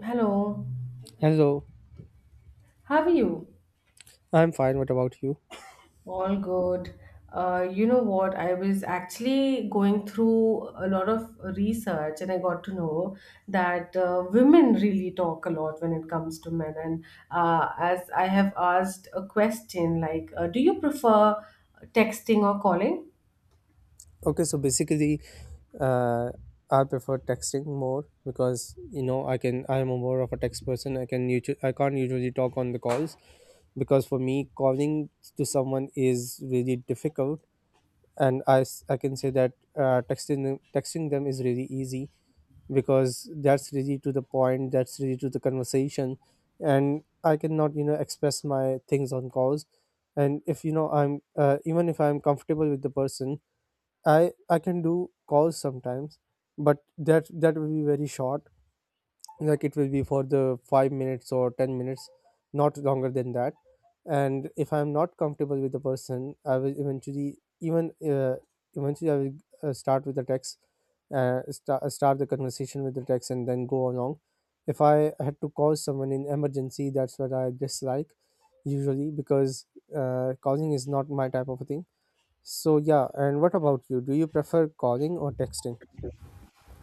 Hello, Hello, how are you? I'm fine. What about you? All good. You know what? I was actually going through a lot of research and I got to know that women really talk a lot when it comes to men. And as I have asked a question like, do you prefer texting or calling? Okay, so basically, uh, I prefer texting more because you know I'm a more of a text person. I can't usually talk on the calls because for me calling to someone is really difficult, and I can say that texting them is really easy, because that's really to the point, that's really to the conversation, and I cannot you know express my things on calls. And if you know I'm even if I'm comfortable with the person, I can do calls sometimes, but that will be very short, like it will be for the 5 minutes or 10 minutes, not longer than that. And if I'm not comfortable with the person, I will eventually I will start with the text, start the conversation with the text and then go along. If I had to call someone in emergency, that's what I dislike usually, because calling is not my type of a thing. So yeah, and what about you, do you prefer calling or texting?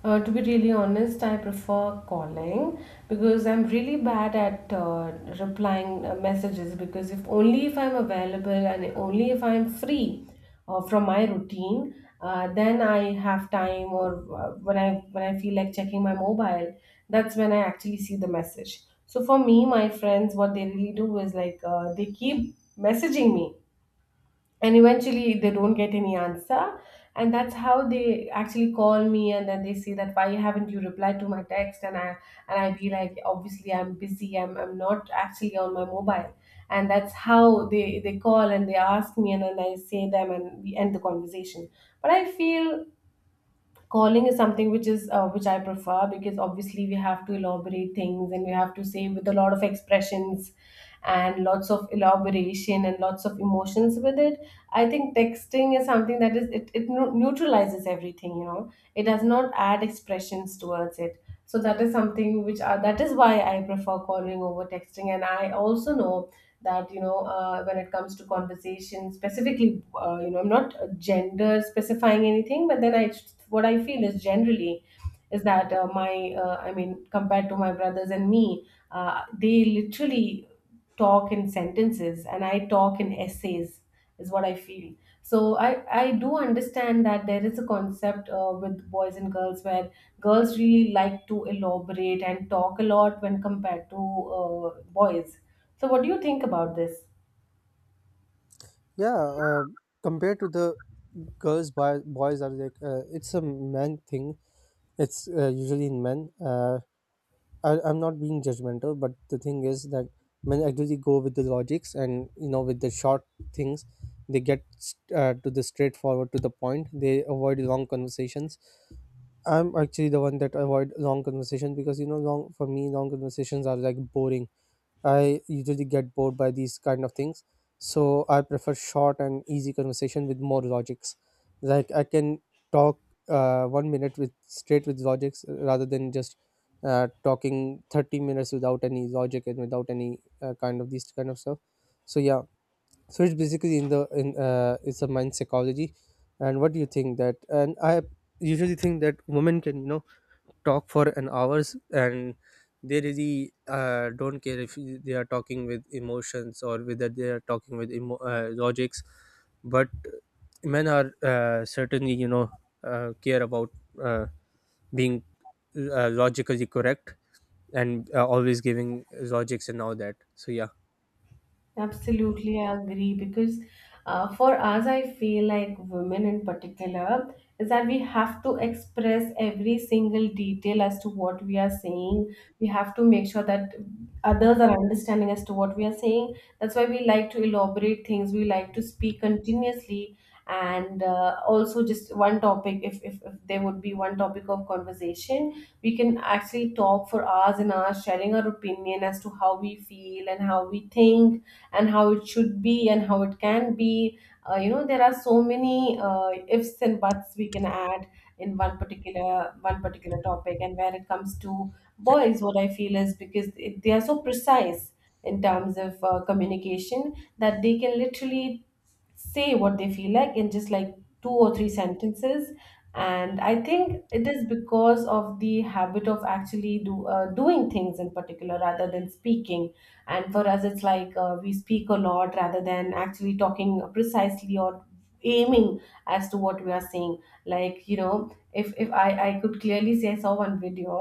To be really honest, I prefer calling because I'm really bad at replying messages. Because if only if I'm available and only if I'm free from my routine, then I have time. Or when I feel like checking my mobile, that's when I actually see the message. So for me, my friends, what they really do is like they keep messaging me and eventually they don't get any answer, and that's how they actually call me and then they say that why haven't you replied to my text. And I be like, obviously I'm busy. I'm not actually on my mobile. And that's how they call and they ask me, and then I say them and we end the conversation. But I feel calling is something which I prefer, because obviously we have to elaborate things and we have to say with a lot of expressions and lots of elaboration and lots of emotions with it. I think texting is something that is it, it neu- neutralizes everything. It does not add expressions towards it. So that is something, that is why I prefer calling over texting. And I also know that, when it comes to conversation specifically, I'm not gender specifying anything, but then I what I feel is generally, is that, my I mean, compared to my brothers and me, they literally talk in sentences and I talk in essays, is what I feel. So I do understand that there is a concept with boys and girls, where girls really like to elaborate and talk a lot when compared to uh, boys. So what do you think about this? Yeah, uh, compared to the girls by boys are like, it's a man thing. It's Usually in men, I'm not being judgmental, but the thing is that men actually go with the logics, and you know, with the short things. They to the straightforward, to the point, they avoid long conversations. I'm actually the one that avoid long conversations, because you know, long for me long conversations are like boring. I usually get bored by these kind of things, so I prefer short and easy conversation with more logics. Like I can talk 1 minute with straight with logics, rather than just talking 30 minutes without any logic and without any kind of these kind of stuff. So yeah, so it's basically in the in it's a mind psychology. And what do you think that? And I usually think that women can you know talk for an hours, and they really don't care if they are talking with emotions or whether they are talking with logics. But men are certainly you know care about uh, being logically correct, and always giving logics and all that. So yeah. Absolutely, I agree, because for us, I feel like women in particular, is that we have to express every single detail as to what we are saying. We have to make sure that others are understanding as to what we are saying. That's why we like to elaborate things, we like to speak continuously. And also, just one topic, if there would be one topic of conversation, we can actually talk for hours and hours, sharing our opinion as to how we feel and how we think and how it should be and how it can be. You know, there are so many ifs and buts we can add in one particular topic. And when it comes to boys, what I feel is, because they are so precise in terms of communication that they can literally say what they feel like in just like two or three sentences. And I think it is because of the habit of actually do doing things in particular rather than speaking. And for us, it's like we speak a lot rather than actually talking precisely or aiming as to what we are saying. Like, you know, if I could clearly say, I saw one video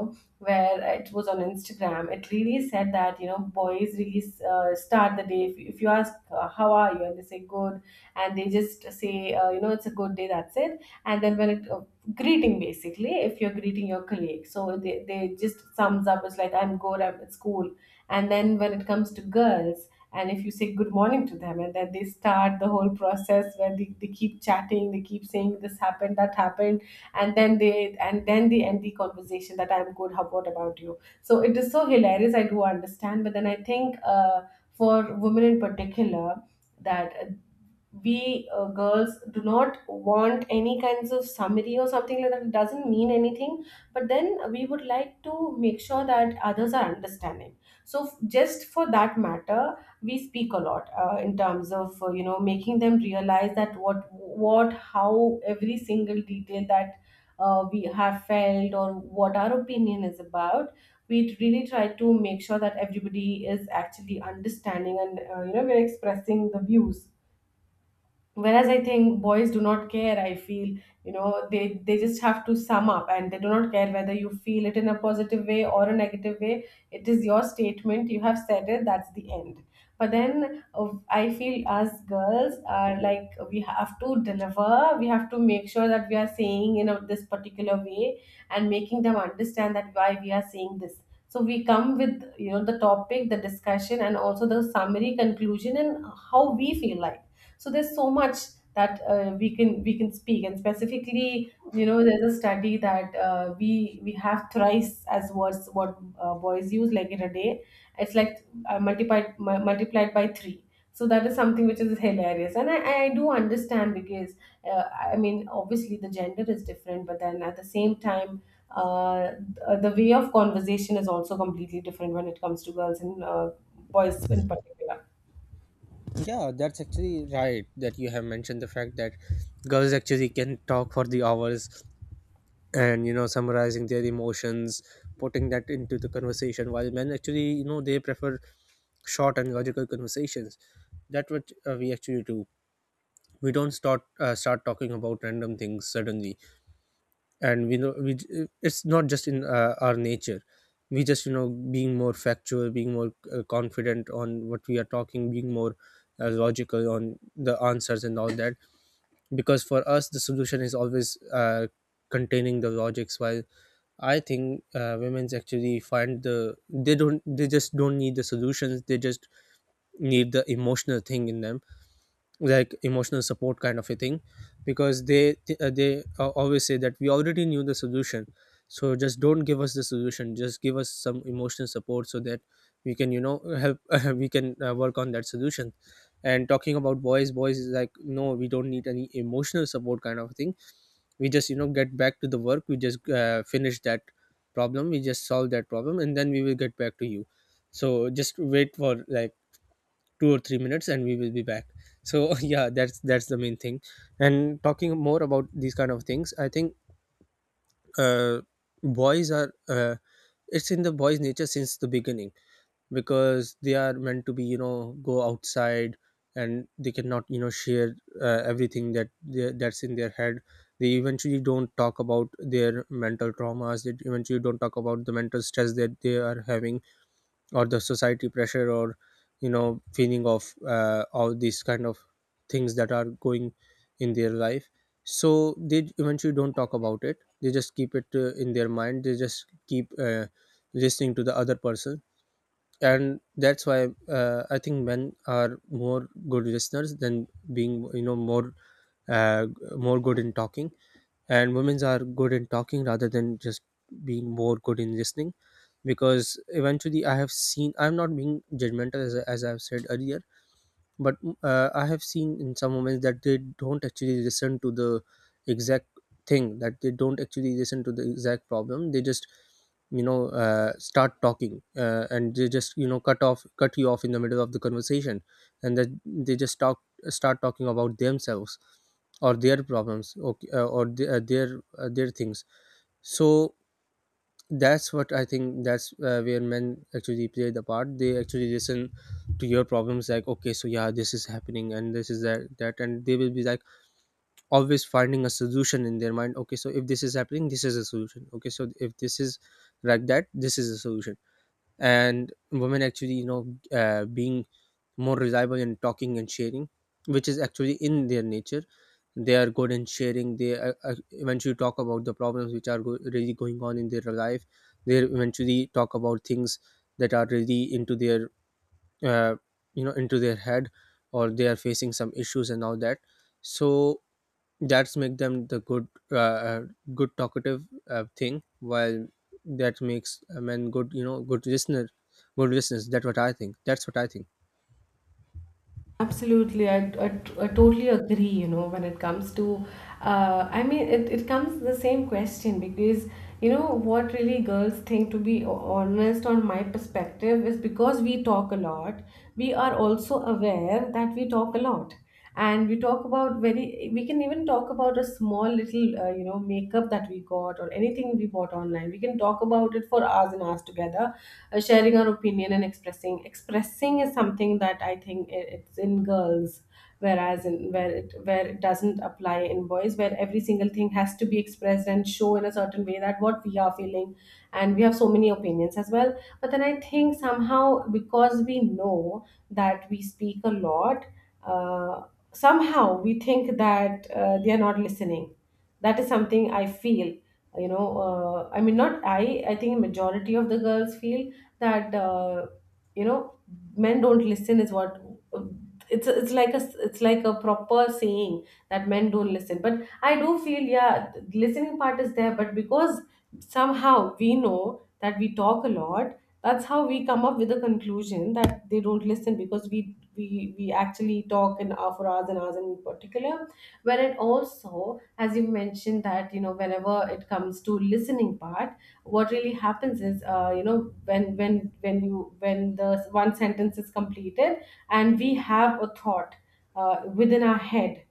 where it was on Instagram. It really said that, you know, boys really start the day, if you ask how are you, and they say good, and they just say, it's a good day, that's it. And then, when it greeting, basically, if you're greeting your colleague, so they just sums up, it's like, I'm good, I'm at school. And then when it comes to girls, and if you say good morning to them, and then they start the whole process where they keep chatting, they keep saying this happened, that happened. And then they end the conversation that, I'm good, how, what about you? So it is so hilarious, I do understand. But then I think, for women in particular, that we girls do not want any kinds of summary or something like that, it doesn't mean anything. But then we would like to make sure that others are understanding. So just for that matter, we speak a lot in terms of, making them realize that what, how every single detail that we have felt or what our opinion is about, we really try to make sure that everybody is actually understanding. And we're expressing the views, whereas I think boys do not care, I feel. They just have to sum up and they do not care whether you feel it in a positive way or a negative way. It is your statement, you have said it, that's the end. But then, I feel, as girls, are like we have to deliver, we have to make sure that we are saying in this particular way, and making them understand that why we are saying this. So we come with, you know, the topic, the discussion, and also the summary, conclusion, and how we feel like. So there's so much that we can speak, and specifically, there's a study that, we have thrice as words what boys use like in a day. It's like, multiplied by 3. So that is something which is hilarious, and I do understand, because, uh, I mean, obviously the gender is different, but then at the same time, uh, the way of conversation is also completely different when it comes to girls and boys in particular. Yeah, that's actually right that you have mentioned the fact that girls actually can talk for the hours, and you know summarizing their emotions, putting that into the conversation, while men actually you know they prefer short and logical conversations. That what we actually do. We don't start talking about random things suddenly, and we know it's not just in our nature. We just you know being more factual, being more confident on what we are talking, being more logical on the answers and all that, because for us the solution is always containing the logics. While I think women's actually find they just don't need the solutions. They just need the emotional thing in them, like emotional support kind of a thing, because they th- they always say that we already knew the solution, so just don't give us the solution. Just give us some emotional support so that we can you know help we can work on that solution. And talking about boys, boys is like no, we don't need any emotional support kind of thing. We just you know get back to the work, we just finish that problem, we just solve that problem, and then we will get back to you. So just wait for like 2 or 3 minutes and we will be back. So yeah, that's the main thing. And talking more about these kind of things, I think uh, boys are, it's in the boys nature since the beginning, because they are meant to be you know go outside, and they cannot you know share everything that that's in their head. They eventually don't talk about their mental traumas, they eventually don't talk about the mental stress that they are having, or the society pressure, or you know feeling of all these kind of things that are going in their life. So they eventually don't talk about it, they just keep it in their mind, they just keep listening to the other person. And that's why I think men are more good listeners than being you know more, uh, good in talking, and women are good in talking rather than just being more good in listening. Because eventually I have seen, I'm not being judgmental, as as I've said earlier, but I have seen in some moments that they don't actually listen to the exact thing, that they don't actually listen to the exact problem. They just you know start talking and they just you know cut you off in the middle of the conversation, and then they just talk start talking about themselves or their problems. Okay, or the, their things. So that's what I think, that's where men actually play the part. They actually listen to your problems, like okay so yeah this is happening and this is that that, and they will be like always finding a solution in their mind. Okay so if this is happening, this is a solution. Okay so if this is like that, this is a solution. And women actually you know being more reliable in talking and sharing, which is actually in their nature. They are good in sharing. They eventually talk about the problems which are really going on in their life. They eventually talk about things that are really into their, uh, you know, into their head, or they are facing some issues and all that. So that's make them the good, good talkative thing. While that makes a man good, you know, good listener, good listeners. That's what I think. That's what I think. Absolutely, I totally agree. You know, when it comes to, I mean, it comes the same question, because, you know, what really girls think, to be honest, on my perspective, is because we talk a lot. We are also aware that we talk a lot, and we can even talk about a small little, makeup that we got, or anything we bought online, we can talk about it for hours and hours together, sharing our opinion. And expressing is something that I think, it's in girls, whereas in where it doesn't apply in boys, where every single thing has to be expressed and show in a certain way, that what we are feeling. And we have so many opinions as well. But then I think, somehow, because we know that we speak a lot, uh, somehow we think that they are not listening. That is something I feel, you know, I mean, not, I think majority of the girls feel that, you know, men don't listen, is what, it's it's like a it's like a proper saying, that men don't listen. But I do feel, yeah, the listening part is there, but because somehow we know that we talk a lot, that's how we come up with the conclusion that they don't listen, because we actually talk in hour for hours and hours in particular. Where, it also, as you mentioned, that, whenever it comes to listening part, what really happens is, when the one sentence is completed, and we have a thought within our head.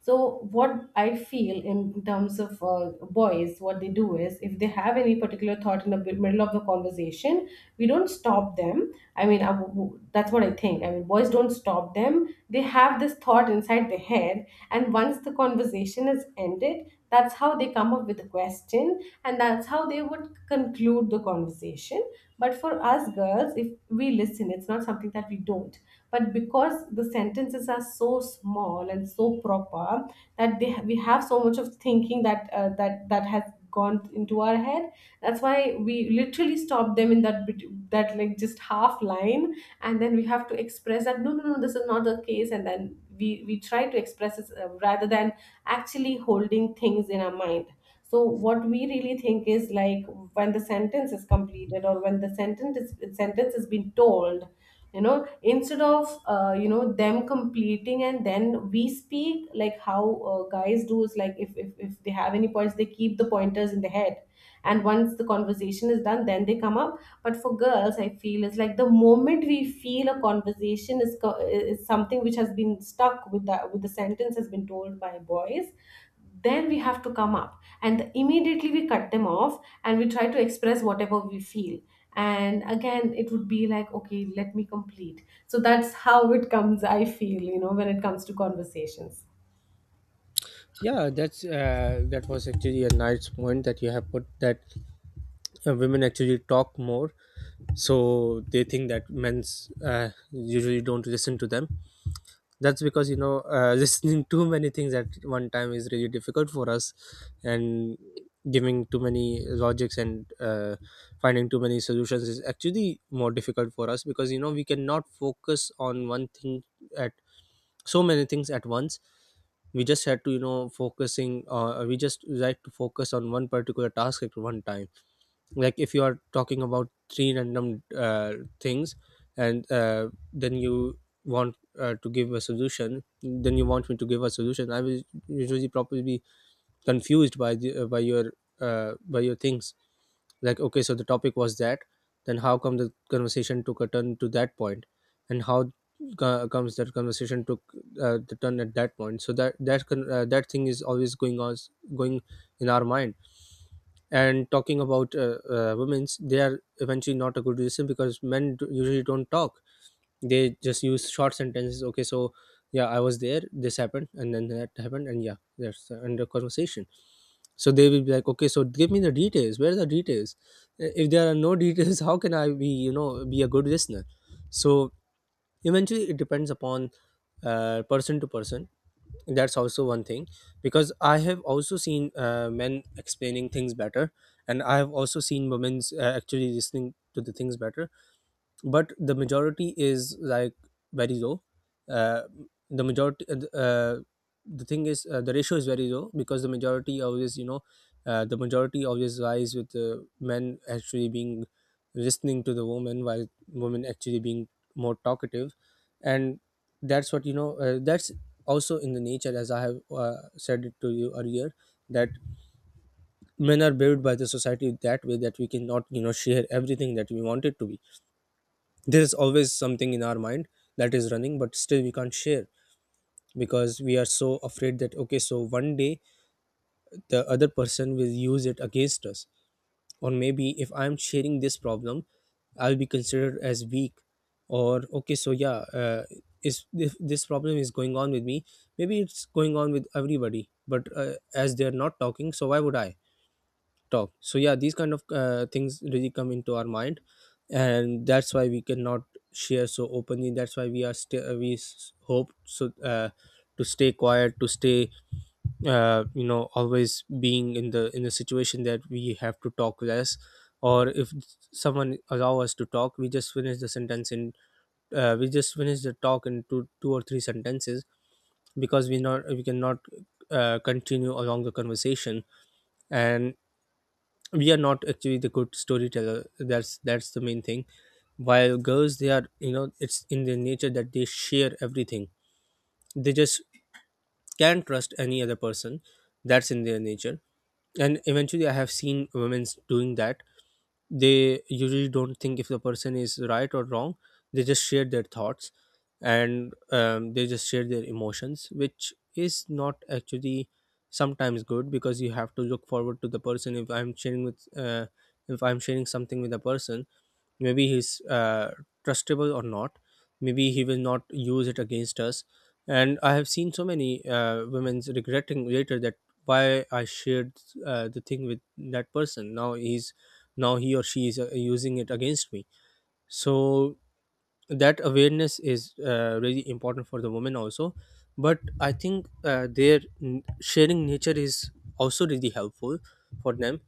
So, what I feel in terms of boys, what they do is, if they have any particular thought in the middle of the conversation, we don't stop them. I mean, that's what I think. I mean, boys don't stop them. They have this thought inside their head. And once the conversation is ended, that's how they come up with a question. And that's how they would conclude the conversation. But for us girls, if we listen, it's not something that we don't, but because the sentences are so small and so proper that we have so much of thinking that that has gone into our head. That's why we literally stop them in that just half line, and then we have to express that no, this is not the case, and then we try to express it, rather than actually holding things in our mind. So what we really think is like, when the sentence is completed or when the sentence has been told, you know instead of them completing and then we speak, like how guys do is like, if they have any points, they keep the pointers in the head, and once the conversation is done then they come up. But for girls I feel it's like the moment we feel a conversation is is something which has been stuck with that, with the sentence has been told by boys, then we have to come up and immediately we cut them off and we try to express whatever we feel. And again it would be like, okay, let me complete. So that's how it comes, I feel, when it comes to conversations. Yeah, that's that was actually a nice point that you have put, that women actually talk more, so they think that men's usually don't listen to them. That's because you know listening too many things at one time is really difficult for us, and giving too many logics and finding too many solutions is actually more difficult for us, because you know we cannot focus on one thing at so many things at once. We just had to you know focusing we just like to focus on one particular task at one time. Like if you are talking about three random things, and then you want to give a solution, then you want me to give a solution, I will usually probably confused by the, by your things. Like okay so the topic was that, then how come the conversation took a turn to that point, and how comes that conversation took the turn at that point. So that that thing is always going on going in our mind. And talking about women's, they are eventually not a good reason, because men usually don't talk, they just use short sentences. Okay so yeah I was there, this happened and then that happened, and yeah that's the end of conversation. So they will be like okay so give me the details, where are the details? If there are no details, how can I be you know be a good listener. So eventually it depends upon person to person, that's also one thing, because I have also seen men explaining things better, and I have also seen women's actually listening to the things better. But the majority is like very low, uh, the majority uh, the thing is the ratio is very low, because the majority always you know, the majority always lies with the men actually being listening to the woman, while women actually being more talkative. And that's what you know, that's also in the nature, as I have said it to you earlier, that men are built by the society that way, that we cannot you know share everything that we wanted to be. There is always something in our mind that is running, but still we can't share, because we are so afraid that okay so one day the other person will use it against us, or maybe if I am sharing this problem, I'll be considered as weak, or okay so yeah, is if this problem is going on with me, maybe it's going on with everybody, but as they are not talking, so why would I talk, so Yeah, these kind of things really come into our mind, and that's why we cannot share so openly. That's why we are still hope so to stay quiet, to stay you know, always being in the situation that we have to talk less. Or if someone allow us to talk, we just finish the sentence in we just finish the talk in two or three sentences, because we not we cannot continue along the conversation. And we are not actually the good storyteller. That's the main thing. While girls, they are, you know, it's in their nature that they share everything. They just can't trust any other person. That's in their nature. And eventually I have seen women doing that. They usually don't think if the person is right or wrong, they just share their thoughts. And they just share their emotions, which is not actually sometimes good, because you have to look forward to the person. If I'm sharing with if I'm sharing something with a person, maybe he's trustable or not, maybe he will not use it against us. And I have seen so many women regretting later that why I shared the thing with that person. Now he's, now he or she is using it against me. So that awareness is really important for the women also. But I think sharing nature is also really helpful for them,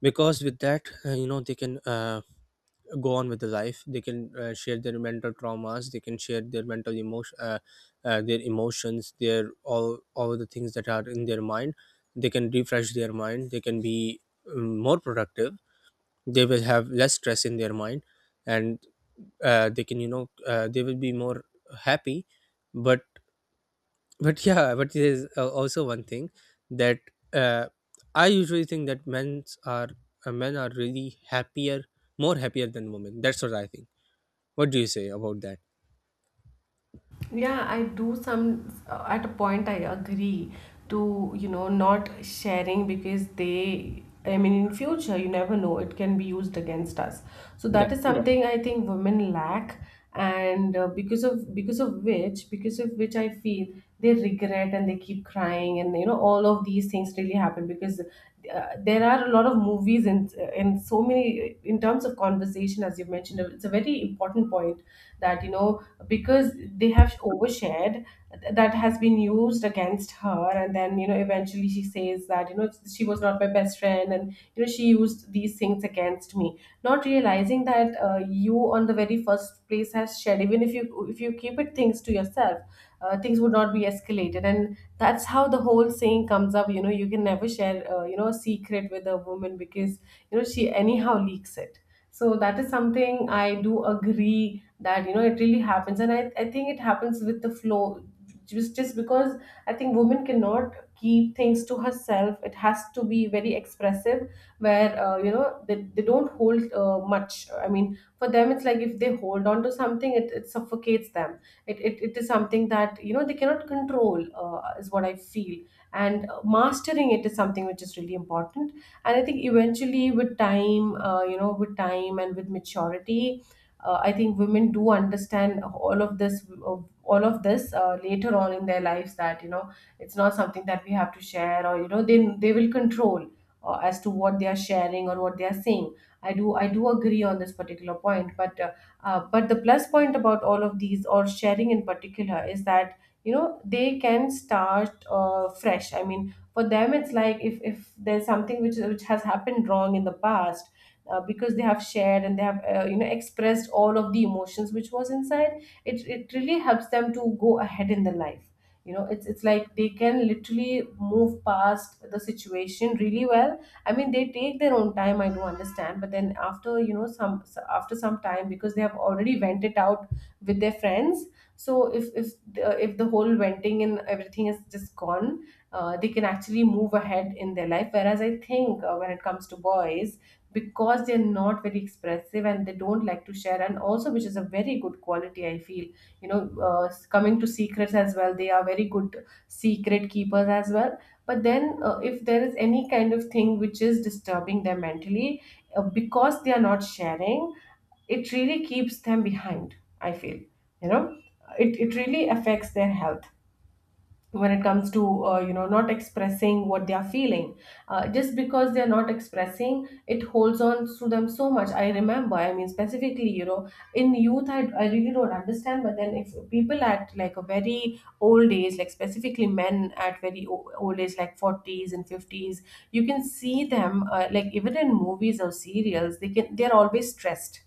because with that, you know, they can go on with the life. They can share their mental traumas, they can share their mental emotion their emotions, their all the things that are in their mind. They can refresh their mind, they can be more productive. They will have less stress in their mind. And they can, you know, they will be more happy. But but yeah, but there's also one thing that uh, I usually think that men are really happier, more happier than women. That's what I think. What do you say about that? Yeah, I do some, at a point I agree to, you know, not sharing because they, I mean, in future, you never know, it can be used against us. So Yeah. that is, yeah, something I think women lack. And because of which I feel they regret and they keep crying, and you know all of these things really happen because there are a lot of movies and so many. In terms of conversation, as you mentioned, it's a very important point that, you know, because they have overshared, that has been used against her, and then, you know, eventually she says that, you know, she was not my best friend and you know she used these things against me, not realizing that, you on the very first place has shared. Even if you, if you keep it things to yourself, things would not be escalated. And that's how the whole saying comes up, you know, you can never share, you know, a secret with a woman, because you know she anyhow leaks it. So that is something I do agree, that you know it really happens, and I think it happens with the flow, just because I think women cannot keep things to herself, it has to be very expressive, where, you know they don't hold much. I mean for them it's like if they hold on to something, it suffocates them. It is something that you know they cannot control, is what I feel. And mastering it is something which is really important. And I think eventually with time, you know, with time and with maturity, I think women do understand all of this, later on in their lives, that you know it's not something that we have to share, or you know they will control, as to what they are sharing or what they are saying. I do agree on this particular point, but the plus point about all of these, or sharing in particular, is that you know they can start fresh. I mean, for them, it's like if there's something which has happened wrong in the past, because they have shared and they have, you know, expressed all of the emotions which was inside, It really helps them to go ahead in the life. You know, it's like they can literally move past the situation really well. I mean, they take their own time, I do understand, but then after you know some, after some time, because they have already went it out with their friends. So if the, if the whole venting and everything is just gone, they can actually move ahead in their life. Whereas I think, when it comes to boys, because they're not very expressive and they don't like to share, and also which is a very good quality, I feel. You know, uh, coming to secrets as well, they are very good secret keepers as well. But then, if there is any kind of thing which is disturbing them mentally, because they are not sharing, it really keeps them behind, I feel, you know, it really affects their health when it comes to, you know, not expressing what they are feeling, just because they are not expressing, it holds on to them so much. I remember, I mean, specifically, you know, in youth, I really don't understand, but then if people at like a very old age, like specifically men at very old age like 40s and 50s, you can see them, like even in movies or serials, they can, they're always stressed,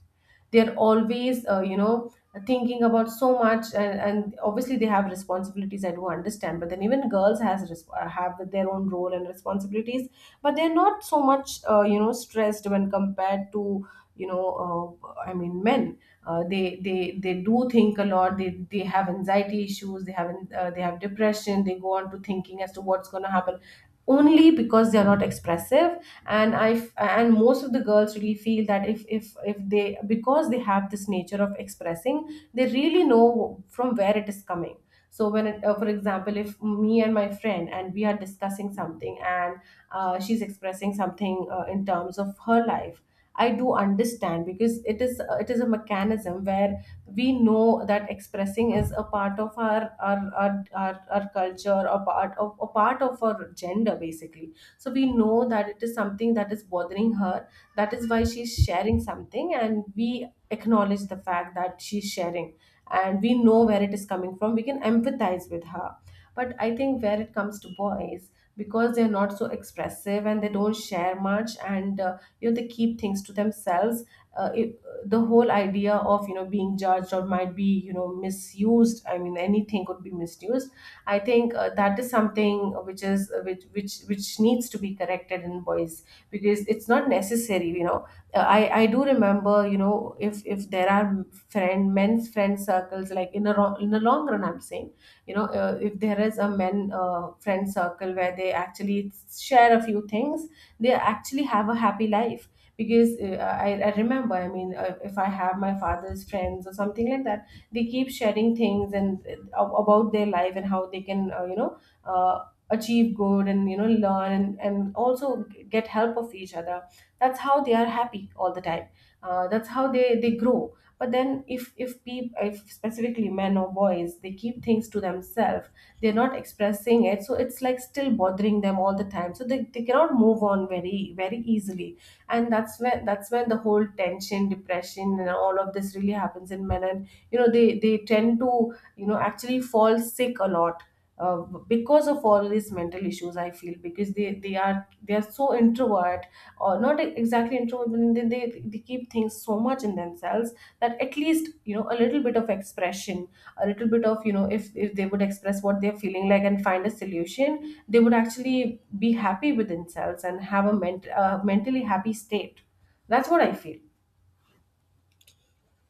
they're always, you know, thinking about so much, and obviously they have responsibilities, I do understand, but then even girls has have their own role and responsibilities, but they're not so much, you know, stressed when compared to, you know, I mean men. They do think a lot, they have anxiety issues, they have, they have depression, they go on to thinking as to what's going to happen, only because they are not expressive. And and most of the girls really feel that, if they, because they have this nature of expressing, they really know from where it is coming. So when it, for example, if me and my friend and we are discussing something, and she's expressing something, in terms of her life, I do understand, because it is, it is a mechanism where we know that expressing is a part of our culture, a part of our gender, basically. So we know that it is something that is bothering her, that is why she's sharing something, and we acknowledge the fact that she's sharing, and we know where it is coming from, we can empathize with her. But I think where it comes to boys, because they're not so expressive and they don't share much, and you know, they keep things to themselves, the whole idea of, you know, being judged, or might be, you know, misused, I mean anything could be misused, I think that is something which is, which needs to be corrected in boys, because it's not necessary. You know, I do remember, you know, if there are friend, men's friend circles, like in a in a long run, I'm saying, you know, if there is a men, friend circle where they actually share a few things, they actually have a happy life, because I remember, I mean, if I have my father's friends or something like that, they keep sharing things, and about their life and how they can, you know, uh, achieve good, and you know, learn, and also get help of each other. That's how they are happy all the time. That's how they grow. But then if people, if specifically men or boys, they keep things to themselves, they're not expressing it, so it's like still bothering them all the time, so they cannot move on very easily. And that's when the whole tension, depression and all of this really happens in men, and you know they tend to, you know, actually fall sick a lot, uh, because of all these mental issues, I feel, because they are so introvert, or not exactly introvert, but then they keep things so much in themselves, that at least, you know, a little bit of expression, a little bit of, you know, if they would express what they're feeling like and find a solution, they would actually be happy with themselves and have a mentally happy state. That's what I feel.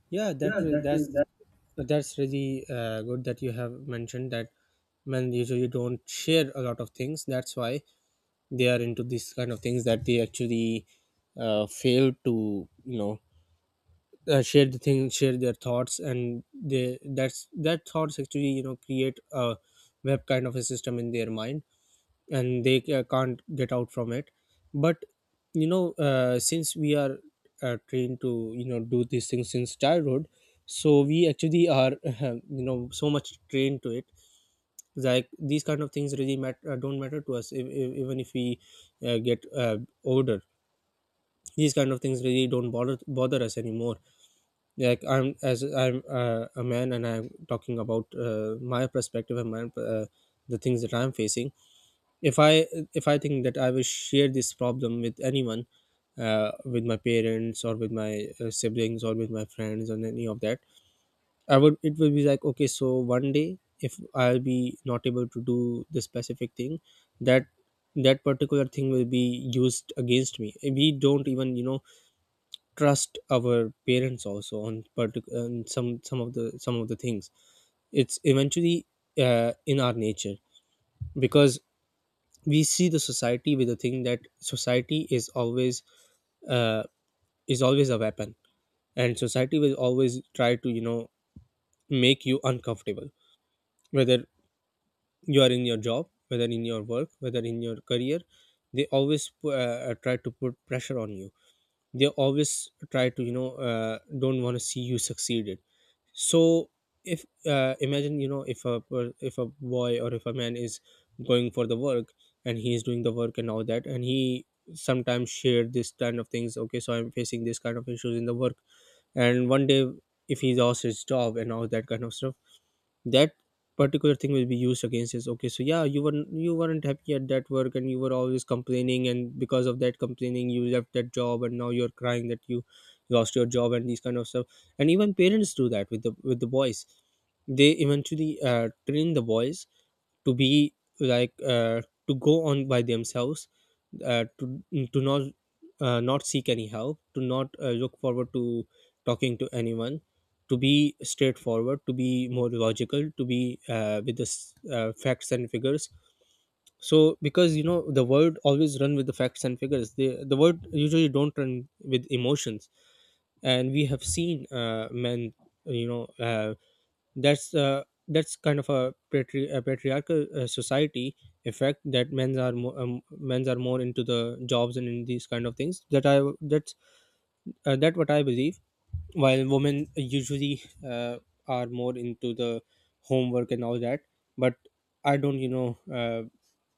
yeah Yeah, that re- that's that that's really good that you have mentioned that men usually don't share a lot of things. That's why they are into this kind of things, that they actually fail to, you know, share the thing, share their thoughts. And they that's that thoughts actually, you know, create a web kind of a system in their mind, and they can't get out from it. But you know, since we are trained to, you know, do these things since childhood, so we actually are you know, so much trained to it. Like, these kind of things really matter don't matter to us. If, Even if we get older, these kind of things really don't bother us anymore. Like, I'm a man and I'm talking about my perspective and my the things that I'm facing. if i if I think that I will share this problem with anyone, with my parents or with my siblings or with my friends and any of that, I would it will be like, okay, so one day if I'll be not able to do this specific thing, that that particular thing will be used against me. We don't even, you know, trust our parents also on particular some of the things. It's eventually in our nature, because we see the society with the thing that society uh, is always a weapon, and society will always try to, you know, make you uncomfortable, whether you are in your job, whether in your work, whether in your career. They always try to put pressure on you. They always try to, you know, don't want to see you succeeded. So if, imagine, you know, if if a boy or if a man is going for the work, and he is doing the work and all that, and he sometimes share this kind of things. Okay, so I'm facing this kind of issues in the work, and one day if he lost his job and all that kind of stuff, that particular thing will be used against us. Okay, so yeah, you weren't happy at that work and you were always complaining, and because of that complaining you left that job, and now you're crying that you lost your job and these kind of stuff. And even parents do that with the boys. They eventually train the boys to be like, to go on by themselves, uh, to to not not seek any help, to not look forward to talking to anyone, to be straightforward, to be more logical, to be facts and figures. So because, you know, the word always run with the facts and figures, the word usually don't run with emotions. And we have seen men, you know, that's kind of a, a patriarchal society effect, that men's are more into the jobs and in these kind of things. That what I believe. While women usually are more into the homework and all that. But I don't, you know,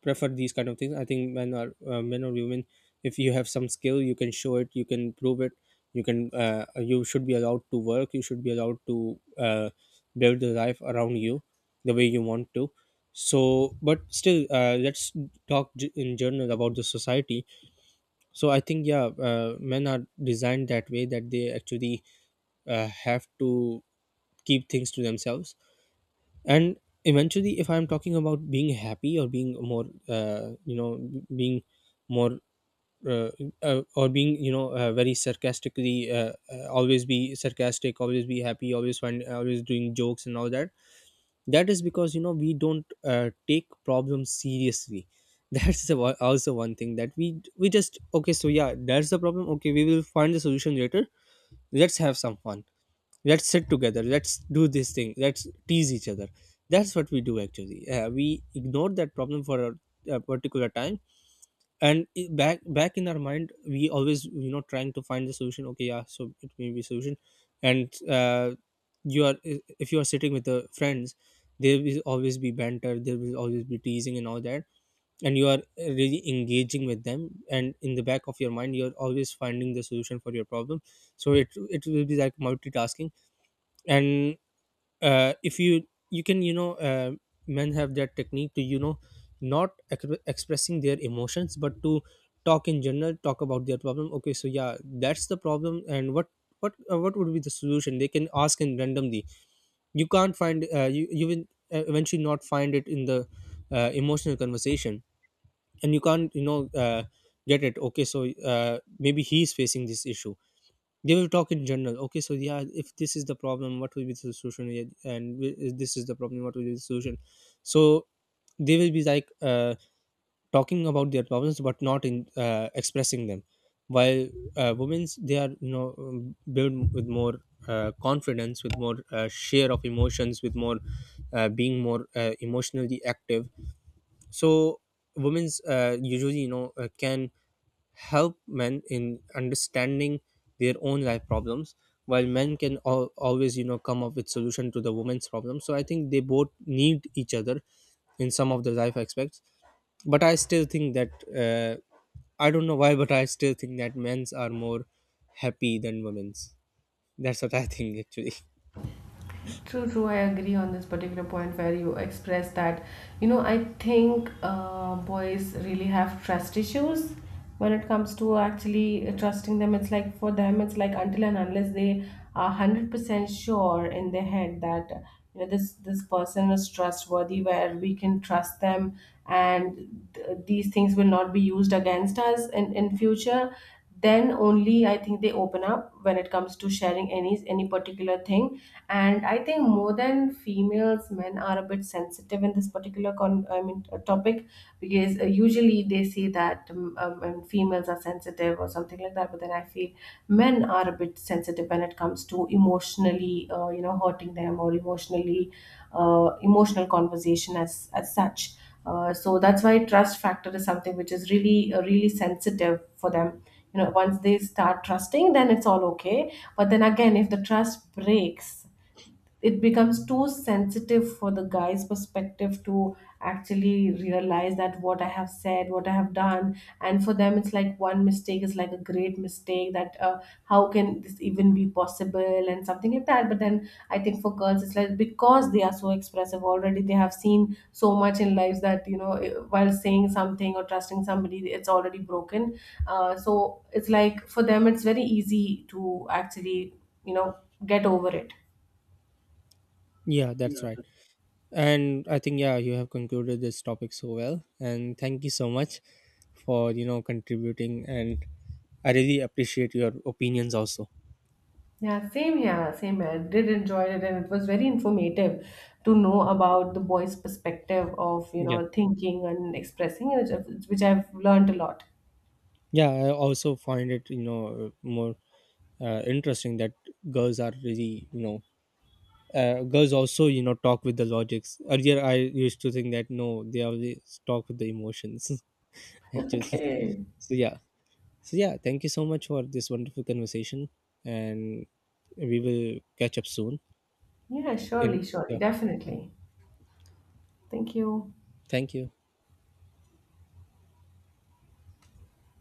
prefer these kind of things. I think men or women, if you have some skill, you can show it, you can prove it, you can, you should be allowed to work, you should be allowed to build the life around you the way you want to. So but still, let's in general about the society. So I think, yeah, men are designed that way, that they actually have to keep things to themselves. And eventually, if I'm talking about being happy or being more, you know, being more uh, or being, you know, very sarcastically, always be sarcastic, always be happy, always find always doing jokes and all that. That is because, you know, we don't take problems seriously That's also one thing, that we just, okay, so yeah, that's the problem, okay, we will find the solution later. Let's have some fun, let's sit together, let's do this thing, let's tease each other. That's what we do actually. We ignore that problem for a particular time, and back in our mind we always, you know, trying to find the solution. Okay, yeah, so it may be solution. And uh, you are i- if you are sitting with the friends, there will always be banter, there will always be teasing and all that, and you are really engaging with them. And in the back of your mind, you're always finding the solution for your problem. So it will be like multitasking. And if you you can, you know, men have that technique to, you know, not ex- expressing their emotions but to talk in general, talk about their problem. Okay, so yeah, that's the problem, and what, what would be the solution they can ask in randomly. You can't find, you will eventually not find it in the emotional conversation. And you can't, you know, get it. Okay, so maybe he's facing this issue, they will talk in general. Okay, so yeah, if this is the problem, what will be the solution? Yeah, and if this is the problem, what will be the solution? So they will be like, talking about their problems but not in, expressing them. While women's, they are, you know, built with more confidence, with more share of emotions, with more being more emotionally active. So women's usually, you know, can help men in understanding their own life problems, while men can always, you know, come up with solution to the women's problem. So I think they both need each other in some of the life aspects. But I still think that uh, I don't know why, but I still think that men's are more happy than women's. That's what I think actually. True, true. I agree on this particular point, where you express that, you know, I think boys really have trust issues when it comes to actually trusting them. It's like for them, it's like until and unless they are 100% sure in their head that, you know, this person is trustworthy, where we can trust them, and these things will not be used against us in future, then only I think they open up when it comes to sharing any particular thing. And I think more than females, men are a bit sensitive in this particular con I mean topic. Because usually they say that, females are sensitive or something like that, but then I feel men are a bit sensitive when it comes to emotionally, you know, hurting them, or emotionally, emotional conversation as such. So that's why trust factor is something which is really, really sensitive for them. You know, once they start trusting, then it's all okay, but then again if the trust breaks, it becomes too sensitive for the guy's perspective to actually realize that what I have said, what I have done, and for them it's like one mistake is like a great mistake, that how can this even be possible, and something like that. But then I think for girls it's like because they are so expressive already, they have seen so much in lives that, you know, while saying something or trusting somebody, it's already broken. So it's like for them it's very easy to actually, you know, get over it. Yeah, Yeah. that's right. And I think, yeah, you have concluded this topic so well, and thank you so much for, you know, contributing. And I really appreciate your opinions also. Yeah, same here, same here. I did enjoy it and it was very informative to know about the boys' perspective of, you Yeah. know, thinking and expressing, which I've learned a lot. Yeah, I also find it, you know, more interesting that girls are really, you know, girls also, you know, talk with the logics. Earlier I used to think that no, they always talk with the emotions. Actually. Okay. So yeah, so yeah, thank you so much for this wonderful conversation. And we will catch up soon Yeah, surely, in, surely, yeah. definitely. Thank you. Thank you.